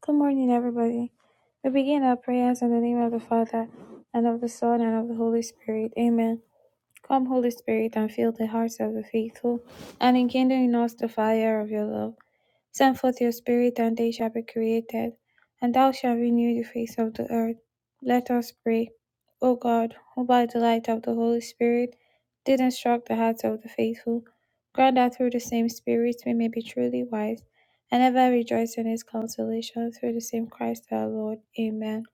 Good morning, everybody. We begin our prayers in the name of the Father, and of the Son, and of the Holy Spirit. Amen. Come, Holy Spirit, and fill the hearts of the faithful, and enkindle in us the fire of your love. Send forth your Spirit, and they shall be created, and thou shalt renew the face of the earth. Let us pray. O God, who by the light of the Holy Spirit did instruct the hearts of the faithful, grant that through the same Spirit we may be truly wise, and ever rejoice in his consolation through the same Christ our Lord. Amen.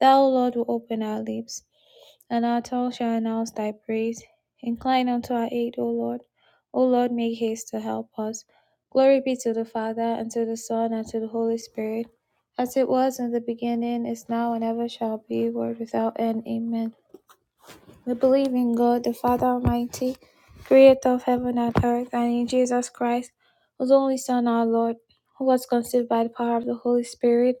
Thou, Lord, will open our lips, and our tongue shall announce thy praise. Incline unto our aid, O Lord. O Lord, make haste to help us. Glory be to the Father, and to the Son, and to the Holy Spirit, as it was in the beginning, is now, and ever shall be, world without end. Amen. We believe in God, the Father Almighty, creator of heaven and earth, and in Jesus Christ, whose only Son, our Lord, who was conceived by the power of the Holy Spirit,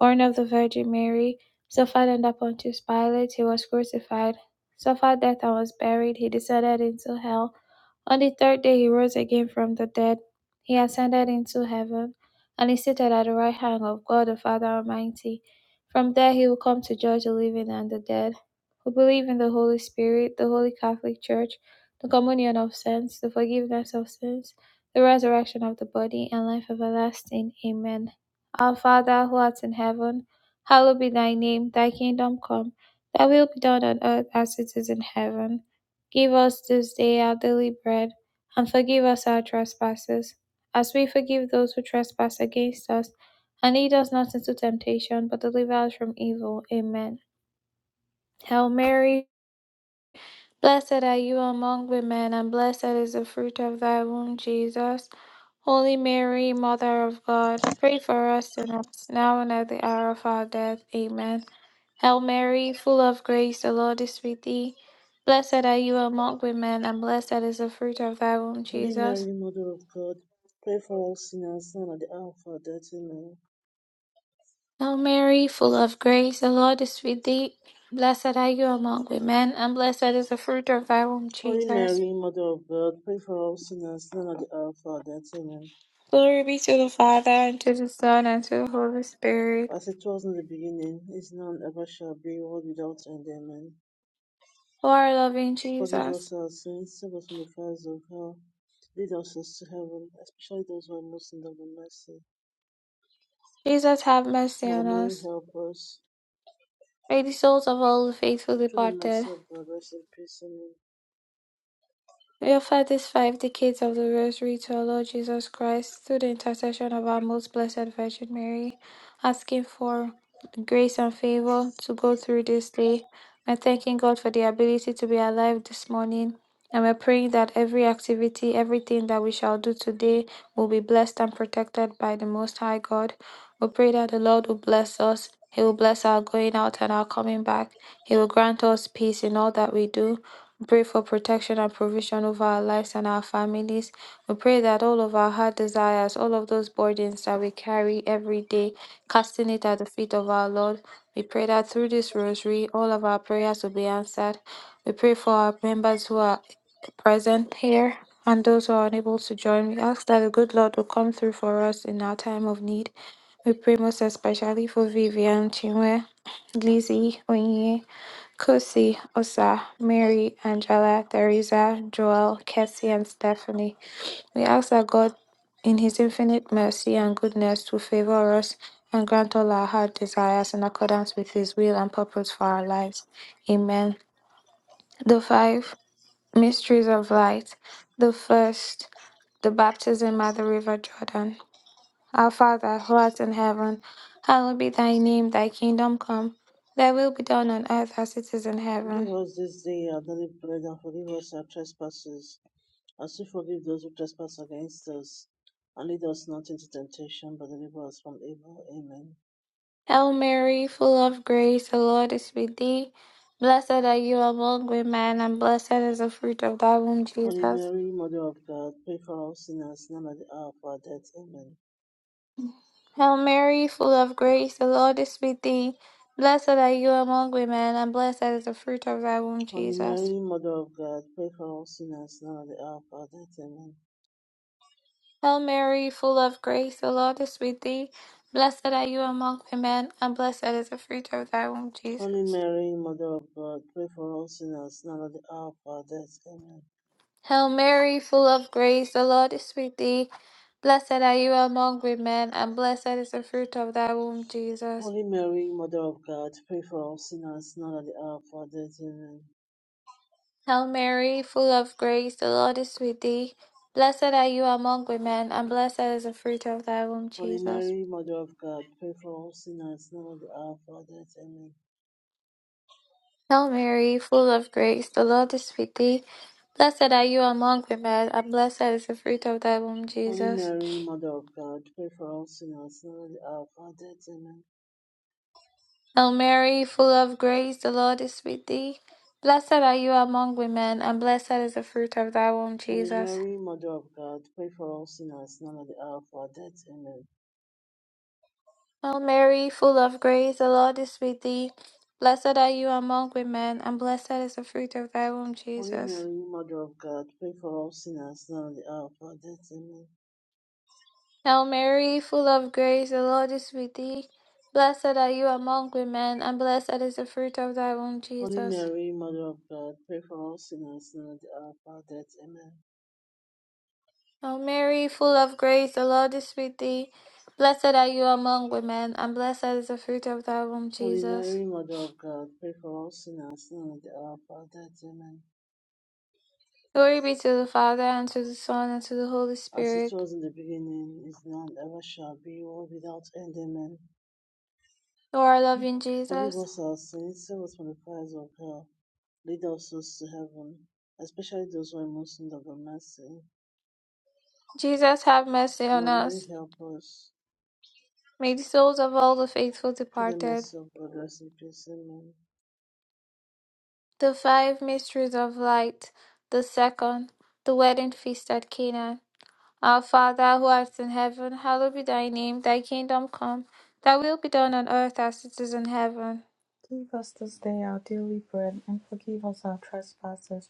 born of the Virgin Mary, suffered under Pontius Pilate, he was crucified, suffered death and was buried, he descended into hell. On the third day he rose again from the dead. He ascended into heaven and is seated at the right hand of God the Father Almighty. From there he will come to judge the living and the dead. We believe in the Holy Spirit, the Holy Catholic Church, the communion of saints, the forgiveness of sins, the resurrection of the body, and life everlasting. Amen. Our Father who art in heaven, hallowed be thy name, thy kingdom come, thy will be done on earth as it is in heaven. Give us this day our daily bread, and forgive us our trespasses, as we forgive those who trespass against us. And lead us not into temptation, but deliver us from evil. Amen. Hail Mary, Blessed are you among women, and blessed is the fruit of thy womb, Jesus. Holy Mary, Mother of God, pray for us sinners, now and at the hour of our death. Amen. Hail Mary, full of grace, the Lord is with thee. Blessed are you among women, and blessed is the fruit of thy womb, Holy Jesus. Mary, Mother of God, pray for us sinners now and at the hour of our death. Amen. Hail Mary, full of grace, the Lord is with thee. Blessed are you among women, and blessed is the fruit of thy womb, Holy Jesus. Mary, Mother of God, pray for us sinners now and at the hour of our death. Amen. Glory be to the Father, and to the Son, and to the Holy Spirit, As it was in the beginning, is now and ever shall be, world without end. Amen. who are loving Forgive us Jesus. our sins, save us from the fires of hell. Lead us to heaven, especially those who are most in need of mercy. Jesus, have mercy Mother on Mary, us. help us. May the souls of all the faithful Through the departed. mercy of God, rest in peace. Amen. We offer these five decades of the Rosary to our Lord Jesus Christ through the intercession of our most blessed Virgin Mary, asking for grace and favor to go through this day. We're thanking God for the ability to be alive this morning. And we're praying that every activity, everything that we shall do today will be blessed and protected by the Most High God. We pray that the Lord will bless us. He will bless our going out and our coming back. He will grant us peace in all that we do pray for protection and provision over our lives and our families. We pray that all of our heart desires, all of those burdens that we carry every day, casting it at the feet of our Lord. We pray that through this rosary, all of our prayers will be answered. We pray for our members who are present here and those who are unable to join. We ask that the good Lord will come through for us in our time of need. We pray most especially for Vivian, Chinwe, Lizzie, Onye. Kosi, Osa, Mary, Angela, Theresa, Joel, Cassie, and Stephanie. We ask that God, in His infinite mercy and goodness, to favor us and grant all our heart desires in accordance with His will and purpose for our lives. Amen. The five mysteries of light. The first, the baptism at the River Jordan. Our Father, who art in heaven, hallowed be thy name, thy kingdom come, thy will be done on earth as it is in heaven. Give us this day our daily bread and forgive us our trespasses As we forgive those who trespass against us, and lead us not into temptation, but deliver us from evil. Amen. Hail Mary, full of grace, the Lord is with thee. Blessed are you among women, and blessed is the fruit of thy womb, Holy Jesus. Mary, Mother of God, pray for us sinners now and at the hour of our death. Amen. Hail Mary, full of grace, the Lord is with thee. Blessed are you among women, and blessed is the fruit of thy womb, Holy Jesus. Mary, Mother of God, pray for us sinners now and at the hour of our death. Amen. Hail Mary, full of grace, the Lord is with thee. Blessed are you among women, and blessed is the fruit of thy womb, Jesus. Holy Mary, Mother of God, pray for us sinners now and at the hour of our death. Amen. Hail Mary, full of grace, the Lord is with thee. Blessed are you among women, and blessed is the fruit of thy womb, Jesus. Holy Mary, Mother of God, pray for us sinners now and at the hour of our death. Amen. Hail Mary, full of grace, the Lord is with thee. Blessed are you among women, and blessed is the fruit of thy womb, Holy Jesus. Mary, Mother of God, pray for us sinners now at the hour of our death. Amen. Hail Mary, full of grace, the Lord is with thee. Blessed are you among women, and blessed is the fruit of thy womb, Holy Jesus. Mary, Mother of God, pray for us sinners now at the hour of our death. Amen. Hail Mary, full of grace, the Lord is with thee. Blessed are you among women, and blessed is the fruit of thy womb, Holy Jesus. Mary, Mother of God, pray for us sinners now at the hour of our death. Amen. Hail Mary, full of grace, the Lord is with thee. Blessed are you among women, and blessed is the fruit of thy womb, Holy Jesus. Mary, Mother of God, pray for us sinners now at the hour of our death. Amen. Hail Mary, full of grace, the Lord is with thee. Blessed are you among women, and blessed is the fruit of thy womb, Holy Jesus. Mary, Mother of God, pray for us sinners now at the hour of our death. Amen. O Mary, full of grace, the Lord is with thee. Blessed are you among women, and blessed is the fruit of thy womb, Holy Jesus. Mary, Mother of God, pray for us sinners now at the hour of our death. Amen. Glory be to the Father, and to the Son, and to the Holy As it Spirit. was in the beginning, is now, and ever shall be, world without end. Amen. O our loving Forgive Jesus. us our sins, save us from the fires of hell, lead our souls to heaven, especially those who are most in need of your mercy. Jesus, have mercy on Mother Mary, us. help us. May the souls of all the faithful Through the departed, mercy of God, rest in peace. Amen. the five mysteries of light, the second, the wedding feast at Cana. Our Father, who art in heaven, hallowed be thy name, thy kingdom come, thy will be done on earth as it is in heaven. Give us this day our daily bread, and forgive us our trespasses,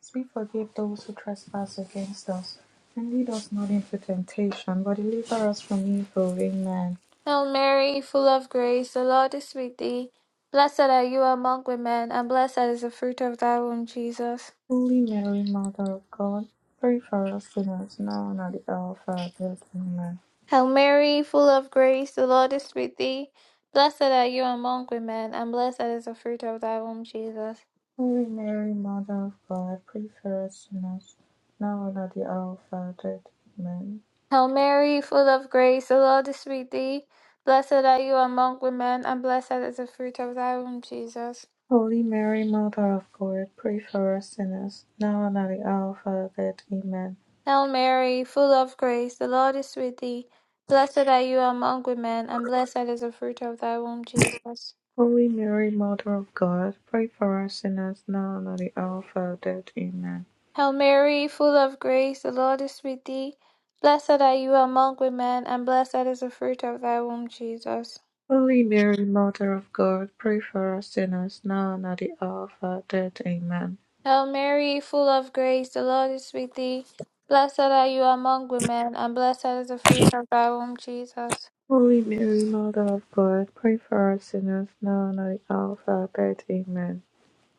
as we forgive those who trespass against us. And lead us not into temptation, but deliver us from evil. Amen. Hail Mary, full of grace, the Lord is with thee. Blessed are you among women, and blessed is the fruit of thy womb, Jesus. Holy Mary, Mother of God, pray for us sinners now and at the hour of our death. Amen. Hail Mary, full of grace, the Lord is with thee. Blessed are you among women, and blessed is the fruit of thy womb, Jesus. Holy Mary, Mother of God, pray for us sinners now and at the hour of our death. Amen. Hail Mary, full of grace, the Lord is with thee. Blessed are you among women, and blessed is the fruit of thy womb, Jesus. Holy Mary, Mother of God, pray for us sinners now and at the hour of our death. Amen. Hail Mary, full of grace, the Lord is with thee. Blessed are you among women, and blessed is the fruit of thy womb, Jesus. Holy Mary, Mother of God, pray for us sinners now and at the hour of our death. Amen. Hail Mary, full of grace, the Lord is with thee. Blessed are you among women, and blessed is the fruit of thy womb, Jesus. Holy Mary, Mother of God, pray for us sinners now and at the hour of our death. Amen. Hail Mary, full of grace, the Lord is with thee. Blessed are you among women, and blessed is the fruit of thy womb, Jesus. Holy Mary, Mother of God, pray for us sinners now and at the hour of our death. Amen.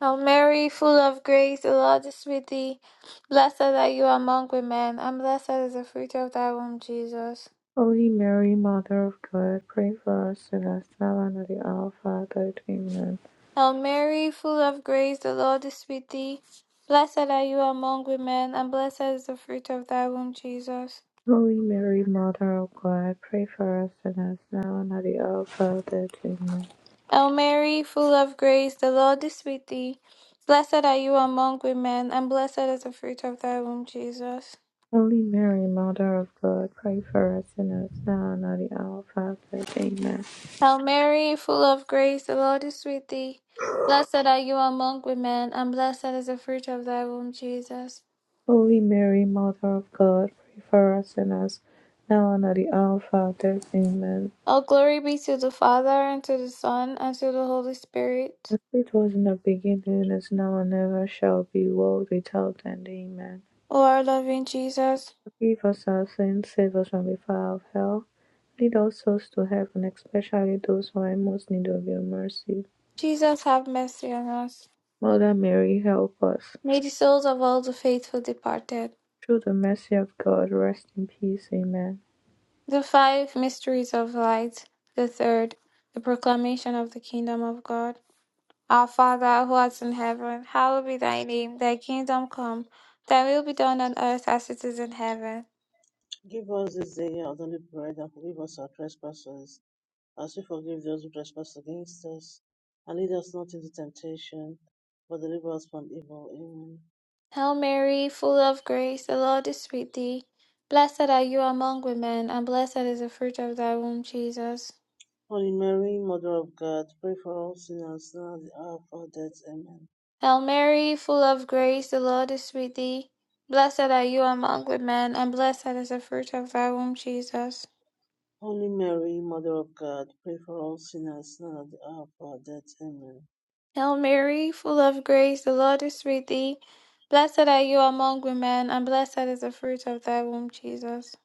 Hail Mary, full of grace, the Lord is with thee. Blessed are you among women, and blessed is the fruit of thy womb, Jesus. Holy Mary, Mother of God, pray for us sinners now and at the hour of our death. Amen. Hail Mary, full of grace, the Lord is with thee. Blessed are you among women, and blessed is the fruit of thy womb, Jesus. Holy Mary, Mother of God, pray for us sinners now and at the hour of our death. Amen. Hail Mary, full of grace, the Lord is with thee. Blessed are you among women, and blessed is the fruit of thy womb, Jesus. Holy Mary, Mother of God, pray for us sinners now and at the hour of our death. Amen. Hail Mary, full of grace, the Lord is with thee. Blessed are you among women, and blessed is the fruit of thy womb, Jesus. Holy Mary, Mother of God, pray for us sinners now and at the hour of our death. Amen. All glory be to the Father, and to the Son, and to the Holy Spirit. As it was in the beginning, is now and ever shall be, world without end. Amen. O our loving Jesus. Forgive us our sins, save us from the fire of hell. Lead all souls to heaven, especially those who are in most need of your mercy. Jesus have mercy on us. Mother Mary, help us. May the souls of all the faithful departed, Through the mercy of God, rest in peace. Amen. the five mysteries of light, the third, the proclamation of the kingdom of God. Our Father who art in heaven, hallowed be thy name, thy kingdom come, thy will be done on earth as it is in heaven. Give us this day our daily bread, and forgive us our trespasses, as we forgive those who trespass against us. And lead us not into temptation, but deliver us from evil. Amen. Hail Mary, full of grace, the Lord is with thee. Blessed are you among women, and blessed is the fruit of thy womb, Jesus. Holy Mary, Mother of God, pray for all sinners now and at the hour of our death. Amen. Hail Mary, full of grace, the Lord is with thee. Blessed are you among women, and blessed is the fruit of thy womb, Jesus. Holy Mary, Mother of God, pray for all sinners now at the hour of our death. Amen. Hail Mary, full of grace, the Lord is with thee. Blessed are you among women, and blessed is the fruit of thy womb, Jesus.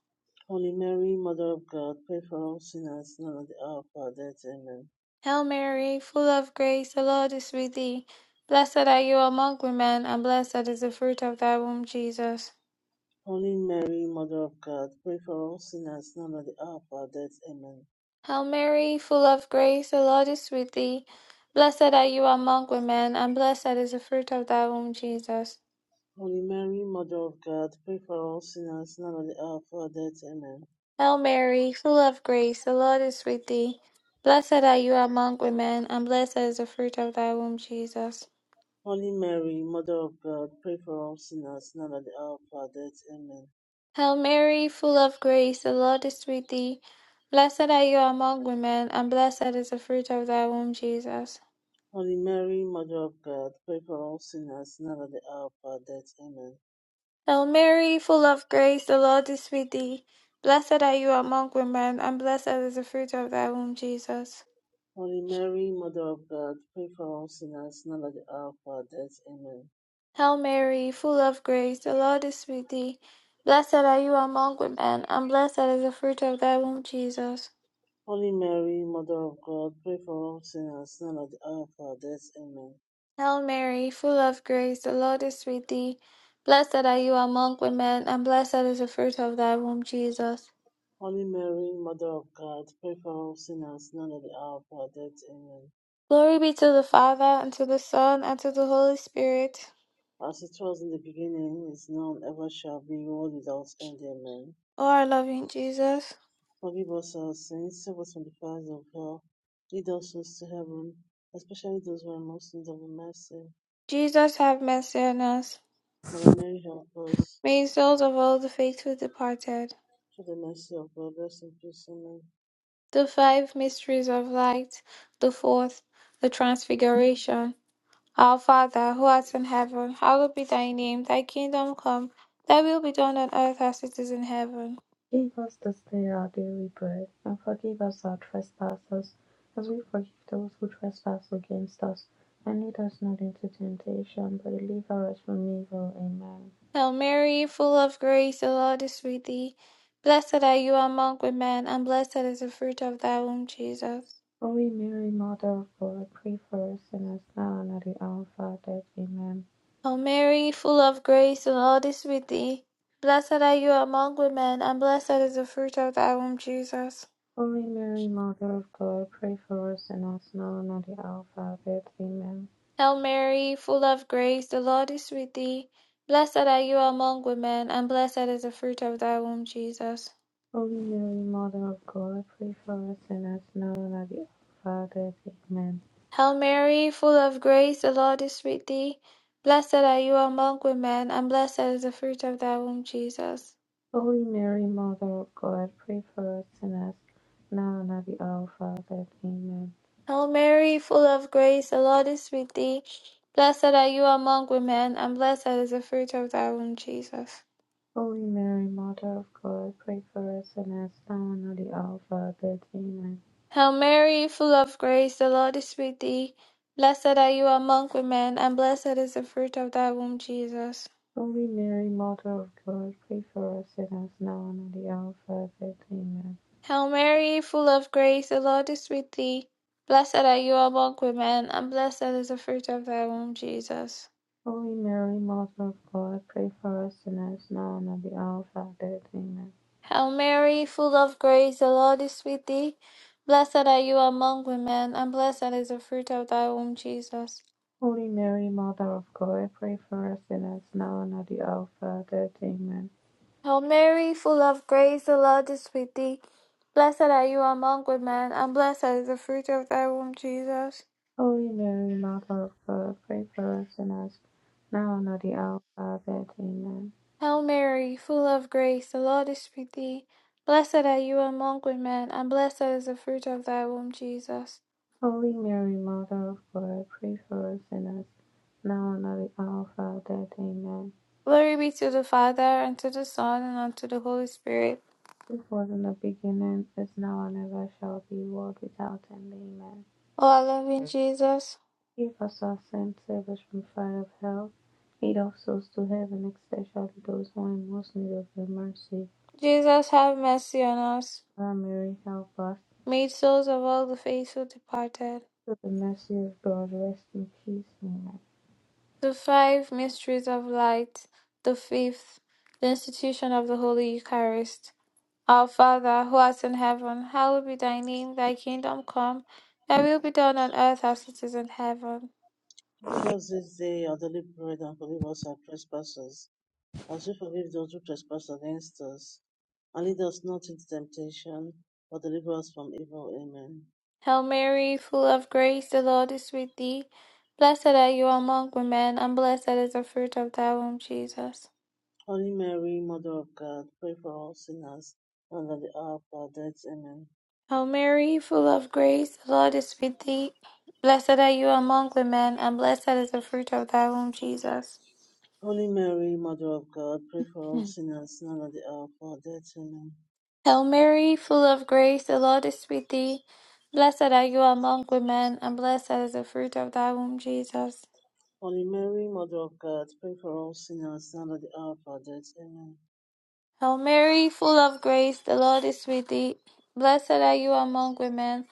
Holy Mary, Mother of God, pray for all sinners now at the hour of our death. Amen. Hail Mary, full of grace, the Lord is with thee. Blessed are you among women, and blessed is the fruit of thy womb, Jesus. Holy Mary, Mother of God, pray for all sinners now at the hour of our death. Amen. Hail Mary, full of grace, the Lord is with thee. Blessed are you among women, and blessed is the fruit of thy womb, Jesus. Holy Mary, Mother of God, pray for all sinners now at the hour of our death. Amen. Hail Mary, full of grace, the Lord is with thee. Blessed are you among women, and blessed is the fruit of thy womb, Jesus. Holy Mary, Mother of God, pray for all sinners now at the hour of our death. Amen. Hail Mary, full of grace, the Lord is with thee. Blessed are you among women, and blessed is the fruit of thy womb, Jesus. Holy Mary, Mother of God, pray for all sinners now at the hour of our death. Amen. Hail Mary, full of grace, the Lord is with thee. Blessed are you among women, and blessed is the fruit of thy womb, Jesus. Holy Mary, Mother of God, pray for us sinners now at the hour of our death. Amen. Hail Mary, full of grace, the Lord is with thee. Blessed are you among women, and blessed is the fruit of thy womb, Jesus. Holy Mary, Mother of God, pray for us sinners now at the hour of our death. Amen. Hail Mary, full of grace, the Lord is with thee. Blessed are you among women, and blessed is the fruit of thy womb, Jesus. Holy Mary, Mother of God, pray for us sinners now at the hour of our death. Amen. Glory be to the Father, and to the Son, and to the Holy Spirit. As it was in the beginning, is now, and ever shall be, world without end. Amen. O our loving Jesus. Forgive us our sins, save us from the fires of hell, lead us souls to heaven, especially those who are most in need of mercy. Jesus have mercy on us. Mother Mary, help us. May the souls of all the faithful departed, Through the mercy of God, rest in peace. Amen. the five mysteries of light, the fourth, the transfiguration. Our Father, who art in heaven, hallowed be thy name. Thy kingdom come, thy will be done on earth as it is in heaven. Give us this day our daily bread, and forgive us our trespasses, as we forgive those who trespass against us. And lead us not into temptation, but deliver us from evil. Amen. Hail Mary, full of grace, the Lord is with thee. Blessed are you among women, and blessed is the fruit of thy womb, Jesus. Holy Mary, Mother of God, pray for us sinners now and at the hour of our death. Amen. O Mary, full of grace, the Lord is with thee. Blessed are you among women, and blessed is the fruit of thy womb, Jesus. Holy Mary, Mother of God, pray for us sinners now and at the hour of our death. Amen. Hail Mary, full of grace, the Lord is with thee. Blessed are you among women, and blessed is the fruit of thy womb, Jesus. Holy Mary, Mother of God, pray for us sinners now and at the hour of our death. Amen. Hail Mary, full of grace, the Lord is with thee. Blessed are you among women, and blessed is the fruit of thy womb, Jesus. Holy Mary, Mother of God, pray for us sinners, now and at the hour of our death. Amen. Hail Mary, full of grace, the Lord is with thee. Blessed are you among women, and blessed is the fruit of thy womb, Jesus. Holy Mary, Mother of God, pray for us sinners, now and at the hour of our death. Amen. Hail Mary, full of grace, the Lord is with thee. Blessed are you among women, and blessed is the fruit of thy womb, Jesus. Holy Mary, Mother of God, pray for us sinners, now and at the hour of our death. Amen. Hail Mary, full of grace, the Lord is with thee. Blessed are you among women, and blessed is the fruit of thy womb, Jesus. Holy Mary, Mother of God, pray for us sinners, now and at the hour of our death. Amen. Hail Mary, full of grace, the Lord is with thee. Blessed are you among women, and blessed is the fruit of thy womb, Jesus. Holy Mary, Mother of God, pray for us sinners, now and at the hour of our death. Amen. Hail Mary, full of grace, the Lord is with thee. Blessed are you among women, and blessed is the fruit of thy womb, Jesus. Holy Mary, Mother of God, pray for us sinners, now and at the hour of our death. Amen. Hail Mary, full of grace, the Lord is with thee. Blessed are you among women, and blessed is the fruit of thy womb, Jesus. Holy Mary, Mother of God, pray for us sinners, now and at the hour of our death. Amen. Glory be to the Father, and to the Son, and unto the Holy Spirit. This was in the beginning, is now, and ever shall be, world without end. Amen. O our loving Jesus. Give us our sins, save us from fire of hell. Lead our souls to heaven, especially those who are in most need of your mercy. Jesus, have mercy on us. Our Mary, help us. Made souls of all the faithful departed. Through the mercy of God, rest in peace. Amen. The five mysteries of light. The fifth, the institution of the Holy Eucharist. Our Father, who art in heaven, hallowed be thy name, thy kingdom come. Thy will be done on earth as it is in heaven. Give us this day our daily bread and forgive us our trespasses, as we forgive those who trespass against us. And lead us not into temptation, but deliver us from evil. Amen. Hail Mary, full of grace, the Lord is with thee. Blessed are you among women, and blessed is the fruit of thy womb, Jesus. Holy Mary, Mother of God, pray for all sinners, and at the hour of our death. Amen. Hail Mary, full of grace, the Lord is with thee. Blessed are you among women, and blessed is the fruit of thy womb, Jesus. Holy Mary, Mother of God, pray for all Mm. sinners, now and at the hour of our death. Amen. Hail Mary, full of grace, the Lord is with thee. Blessed are you among women, and blessed is the fruit of thy womb, Jesus. Holy Mary, Mother of God, pray for all sinners, now and at the hour of our death. Amen. Hail Mary, full of grace, the Lord is with thee. Blessed are you among women,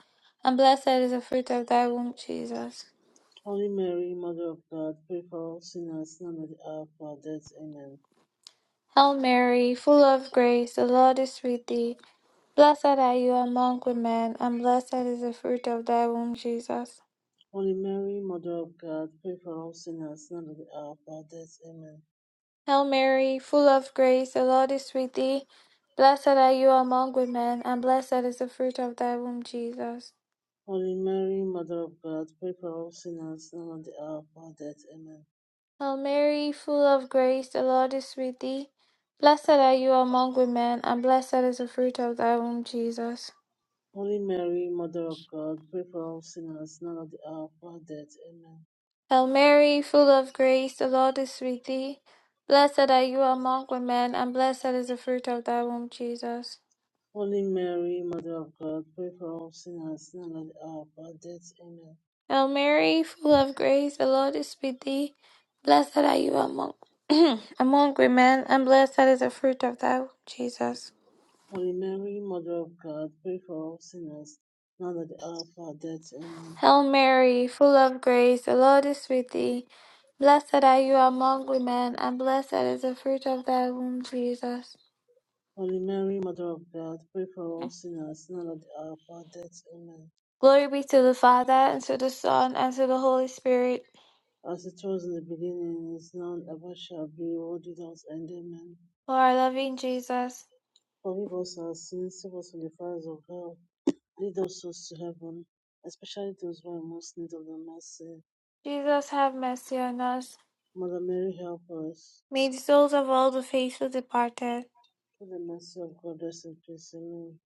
and blessed is the fruit of thy womb, Jesus. Holy Mary, Mother of God, pray for all sinners now and at the hour of our death. Amen. Hail Mary, full of grace, the Lord is with thee. Blessed are you among women, and blessed is the fruit of thy womb, Jesus. Holy Mary, Mother of God, pray for all sinners now and at the hour of our death. Amen. Hail Mary, full of grace, the Lord is with thee. Blessed are you among women, and blessed is the fruit of thy womb, Jesus. Holy Mary, Mother of God, pray for all sinners now and at the hour of our death. Amen. Hail Mary, full of grace, the Lord is with thee. Blessed are you among women, and blessed is the fruit of thy womb, Jesus. Holy Mary, Mother of God, pray for all sinners now and at the hour of our death. Amen. Hail Mary, full of grace, the Lord is with thee. Blessed are you among women, and blessed is the fruit of thy womb, Jesus. Holy Mary, Mother of God, pray for all sinners now and at the hour of our death. Amen. Hail Mary, full of grace, the Lord is with thee. Blessed are you among among women, and blessed is the fruit of thy womb, Jesus. Holy Mary, Mother of God, pray for all sinners now at the hour of our death. Amen. Hail Mary, full of grace, the Lord is with thee. Blessed are you among women, and blessed is the fruit of thy womb, Jesus. Holy Mary, Mother of God, pray for all sinners, now and at the hour of our death. Amen. Glory be to the Father, and to the Son, and to the Holy Spirit. As it was in the beginning, is now, and ever shall be, world without end. Amen. O our loving Jesus, Forgive us our sins, save us from the fires of hell, lead us souls to heaven, especially those who are in most need of the mercy. Jesus, have mercy on us. Mother Mary, help us. May the souls of all the faithful departed, Through the mercy of God, rest in peace. Amen.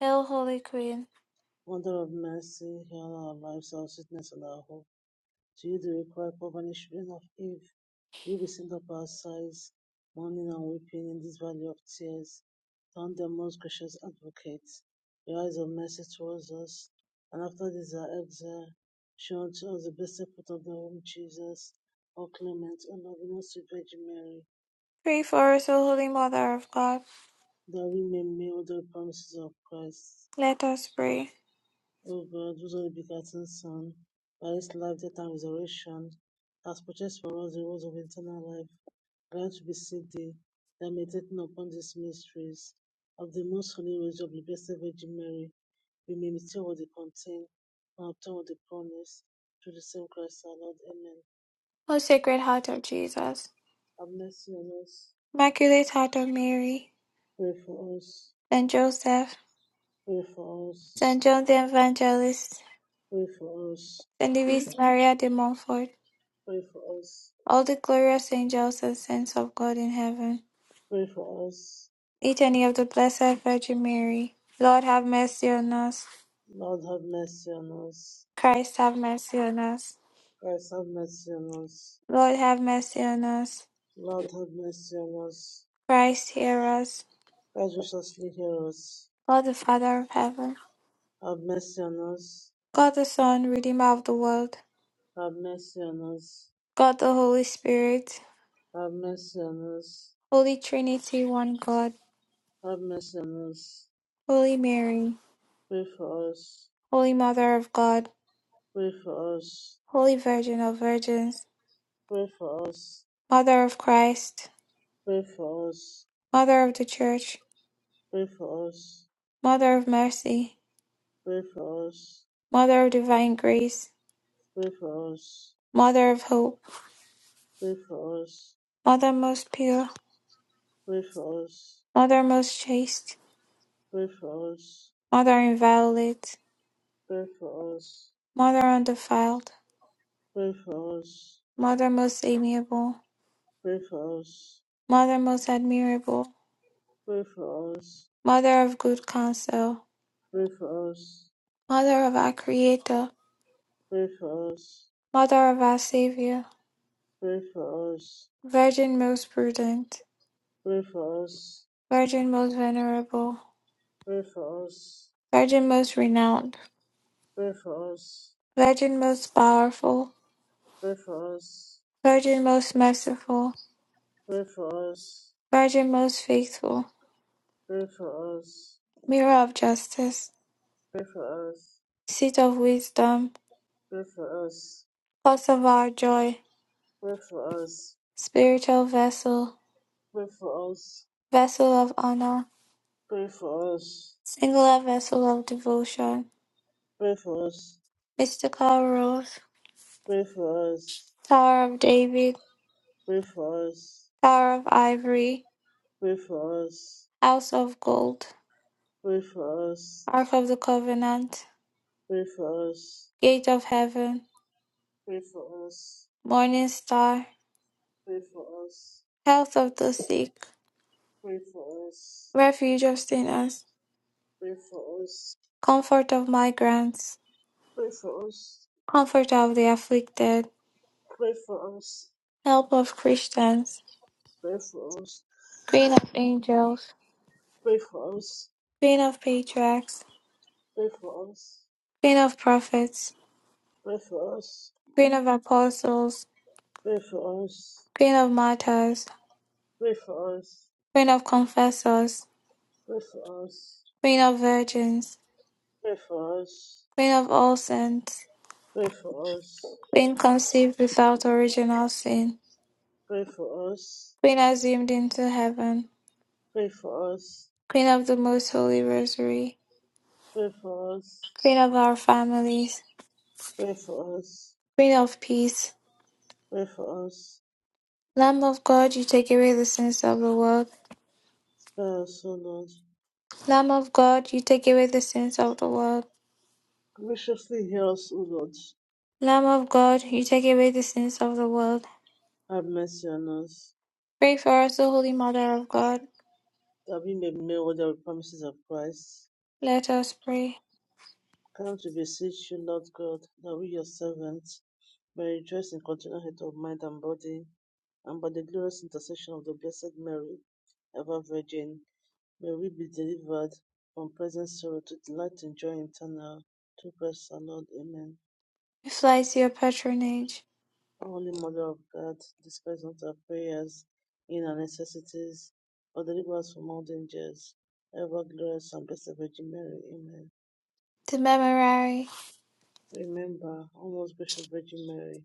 Hail, Holy Queen. Mother of mercy, heal our lives, our sweetness, and our hope. to you the required covenant of Eve, you will send up our sighs, mourning and weeping in this valley of tears. Turn the most gracious advocate, your eyes of mercy towards us, and after this our exile, show unto us the blessed fruit of the womb, Jesus, O clement, O loving, O sweet Virgin Mary, Pray for us, O Holy Mother of God. that we may meet the promises of Christ. Let us pray. O God, whose only begotten Son, by his life, death, and resurrection, has purchased for us the rose of eternal life God to be seated that meditating upon these mysteries of the most holy rosary of the Blessed Virgin Mary, we may meditate what they contain and obtain what they promise through the same Christ our Lord. Amen. O Sacred Heart of Jesus, Have mercy on us. Immaculate Heart of Mary, Pray for us. Saint Joseph, Pray for us. Saint John the Evangelist, Pray for us. Saint Louis Maria de Montfort, Pray for us. all the glorious angels and saints of God in heaven, Pray for us. Litany of the Blessed Virgin Mary, Lord have mercy on us. Lord have mercy on us. Christ have mercy on us. Christ have mercy on us. Lord have mercy on us. Lord have mercy on us. Christ hear us. Christ graciously hear us. God the Father of heaven, Have mercy on us. God the Son, Redeemer of the world. Have mercy on us. God the Holy Spirit, Have mercy on us. Holy Trinity, one God, Have mercy on us. Holy Mary, Pray for us. Holy Mother of God, Pray for us. Holy Virgin of Virgins, Pray for us. Mother of Christ, Pray for us. Mother of the Church, Pray for us. Mother of Mercy, Pray for us. Mother of Divine Grace, Pray for us. Mother of Hope, Pray Mother most pure, for us. Mother most chaste, Pray for us. Mother inviolate, Pray for us. Mother undefiled, Pray for us. Mother most amiable, Pray for us. Pray for Mother most admirable, us. Mother of good counsel, Pray for us. Pray for us. Mother of our Creator, Pray for us. Mother of our Savior, Pray for us. Virgin most prudent, Pray for us. Virgin most venerable, Pray for us. Virgin most renowned, Pray for us. Virgin most powerful, Pray for us. Virgin most merciful, Pray for us. Virgin most faithful, Pray for us. Mirror of justice, Pray for us. Seat of wisdom, Pray for us. Cause of our joy, Pray for us. Spiritual vessel, Pray for us. Vessel of honor, Pray for us. Singular vessel of devotion, Mystical rose, Pray for us. Tower of David, Pray for us. Tower of ivory, Pray for us. House of gold, Pray for us. Ark of the covenant, Pray for us. Gate of heaven, Pray for us. Morning Star, Pray for us. Pray for Health of the sick, us. Refuge of sinners, Pray for us. Comfort of migrants, Pray for us. Pray for us. Comfort of the afflicted, Pray for us. Help of Christians, Pray for us. Queen of angels, Pray for us. Queen of patriarchs, Pray for us. Queen of prophets, Pray for us. Queen of apostles, Pray for us. Queen of martyrs, Pray for us. Queen of confessors, Pray for us. Queen of virgins, Pray for us. Queen of all saints, Pray for us. Queen conceived without original sin, Pray for us. Queen assumed into heaven, Pray for us. Queen of the most holy rosary, Pray for us. Queen of our families, Pray for us. Queen of peace, Lamb of God, you take away the sins of the world. Spare us, O Lord. Lamb of God, you take away the sins of the world. Graciously hear us, O Lord. Lamb of God, you take away the sins of the world. Have mercy on us, Pray for us, O Holy Mother of God. that we may be made worthy of the promises of Christ. Let us pray. Come to beseech you, Lord God, that we, your servants, may rejoice in continual health of mind and body and by the glorious intercession of the Blessed Mary, ever Virgin, may we be delivered from present sorrow to delight and joy eternal. Through Christ our Lord. Amen. We fly to your patronage, Holy Mother of God, despise not our prayers in our necessities, but deliver us from all dangers. Ever glorious and blessed Virgin Mary. Amen. the memorare. Remember, O most gracious Virgin Mary,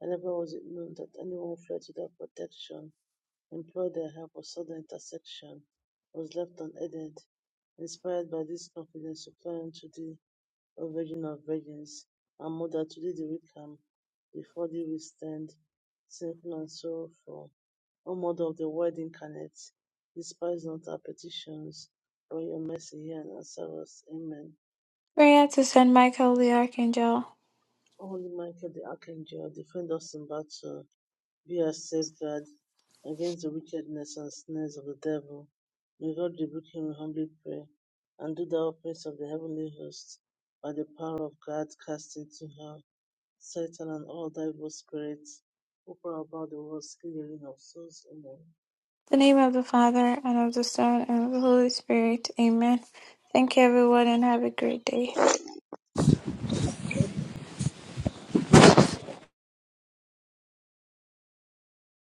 and never was it known that anyone fled to thy protection employed their help or saw the intersection was left unaided. Inspired by this confidence, we cry unto thee, O Virgin of Virgins, and Mother, to thee do we come, before thee we stand, sinful and sorrowful. O Mother of the Word incarnate, despise not our petitions, but your mercy hear and answer us. Amen. Prayer to Saint Michael the Archangel. O Holy Michael the Archangel, defend us in battle. be our safeguard against the wickedness and snares of the devil. May God rebuke him, we humbly pray, and do thou, prince of the heavenly host, by the power of God, cast into hell Satan and all thy evil spirits who prowl about the world, stealing of souls. Amen. In the name of the Father, and of the Son, and of the Holy Spirit. Amen. Thank you, everyone, and have a great day.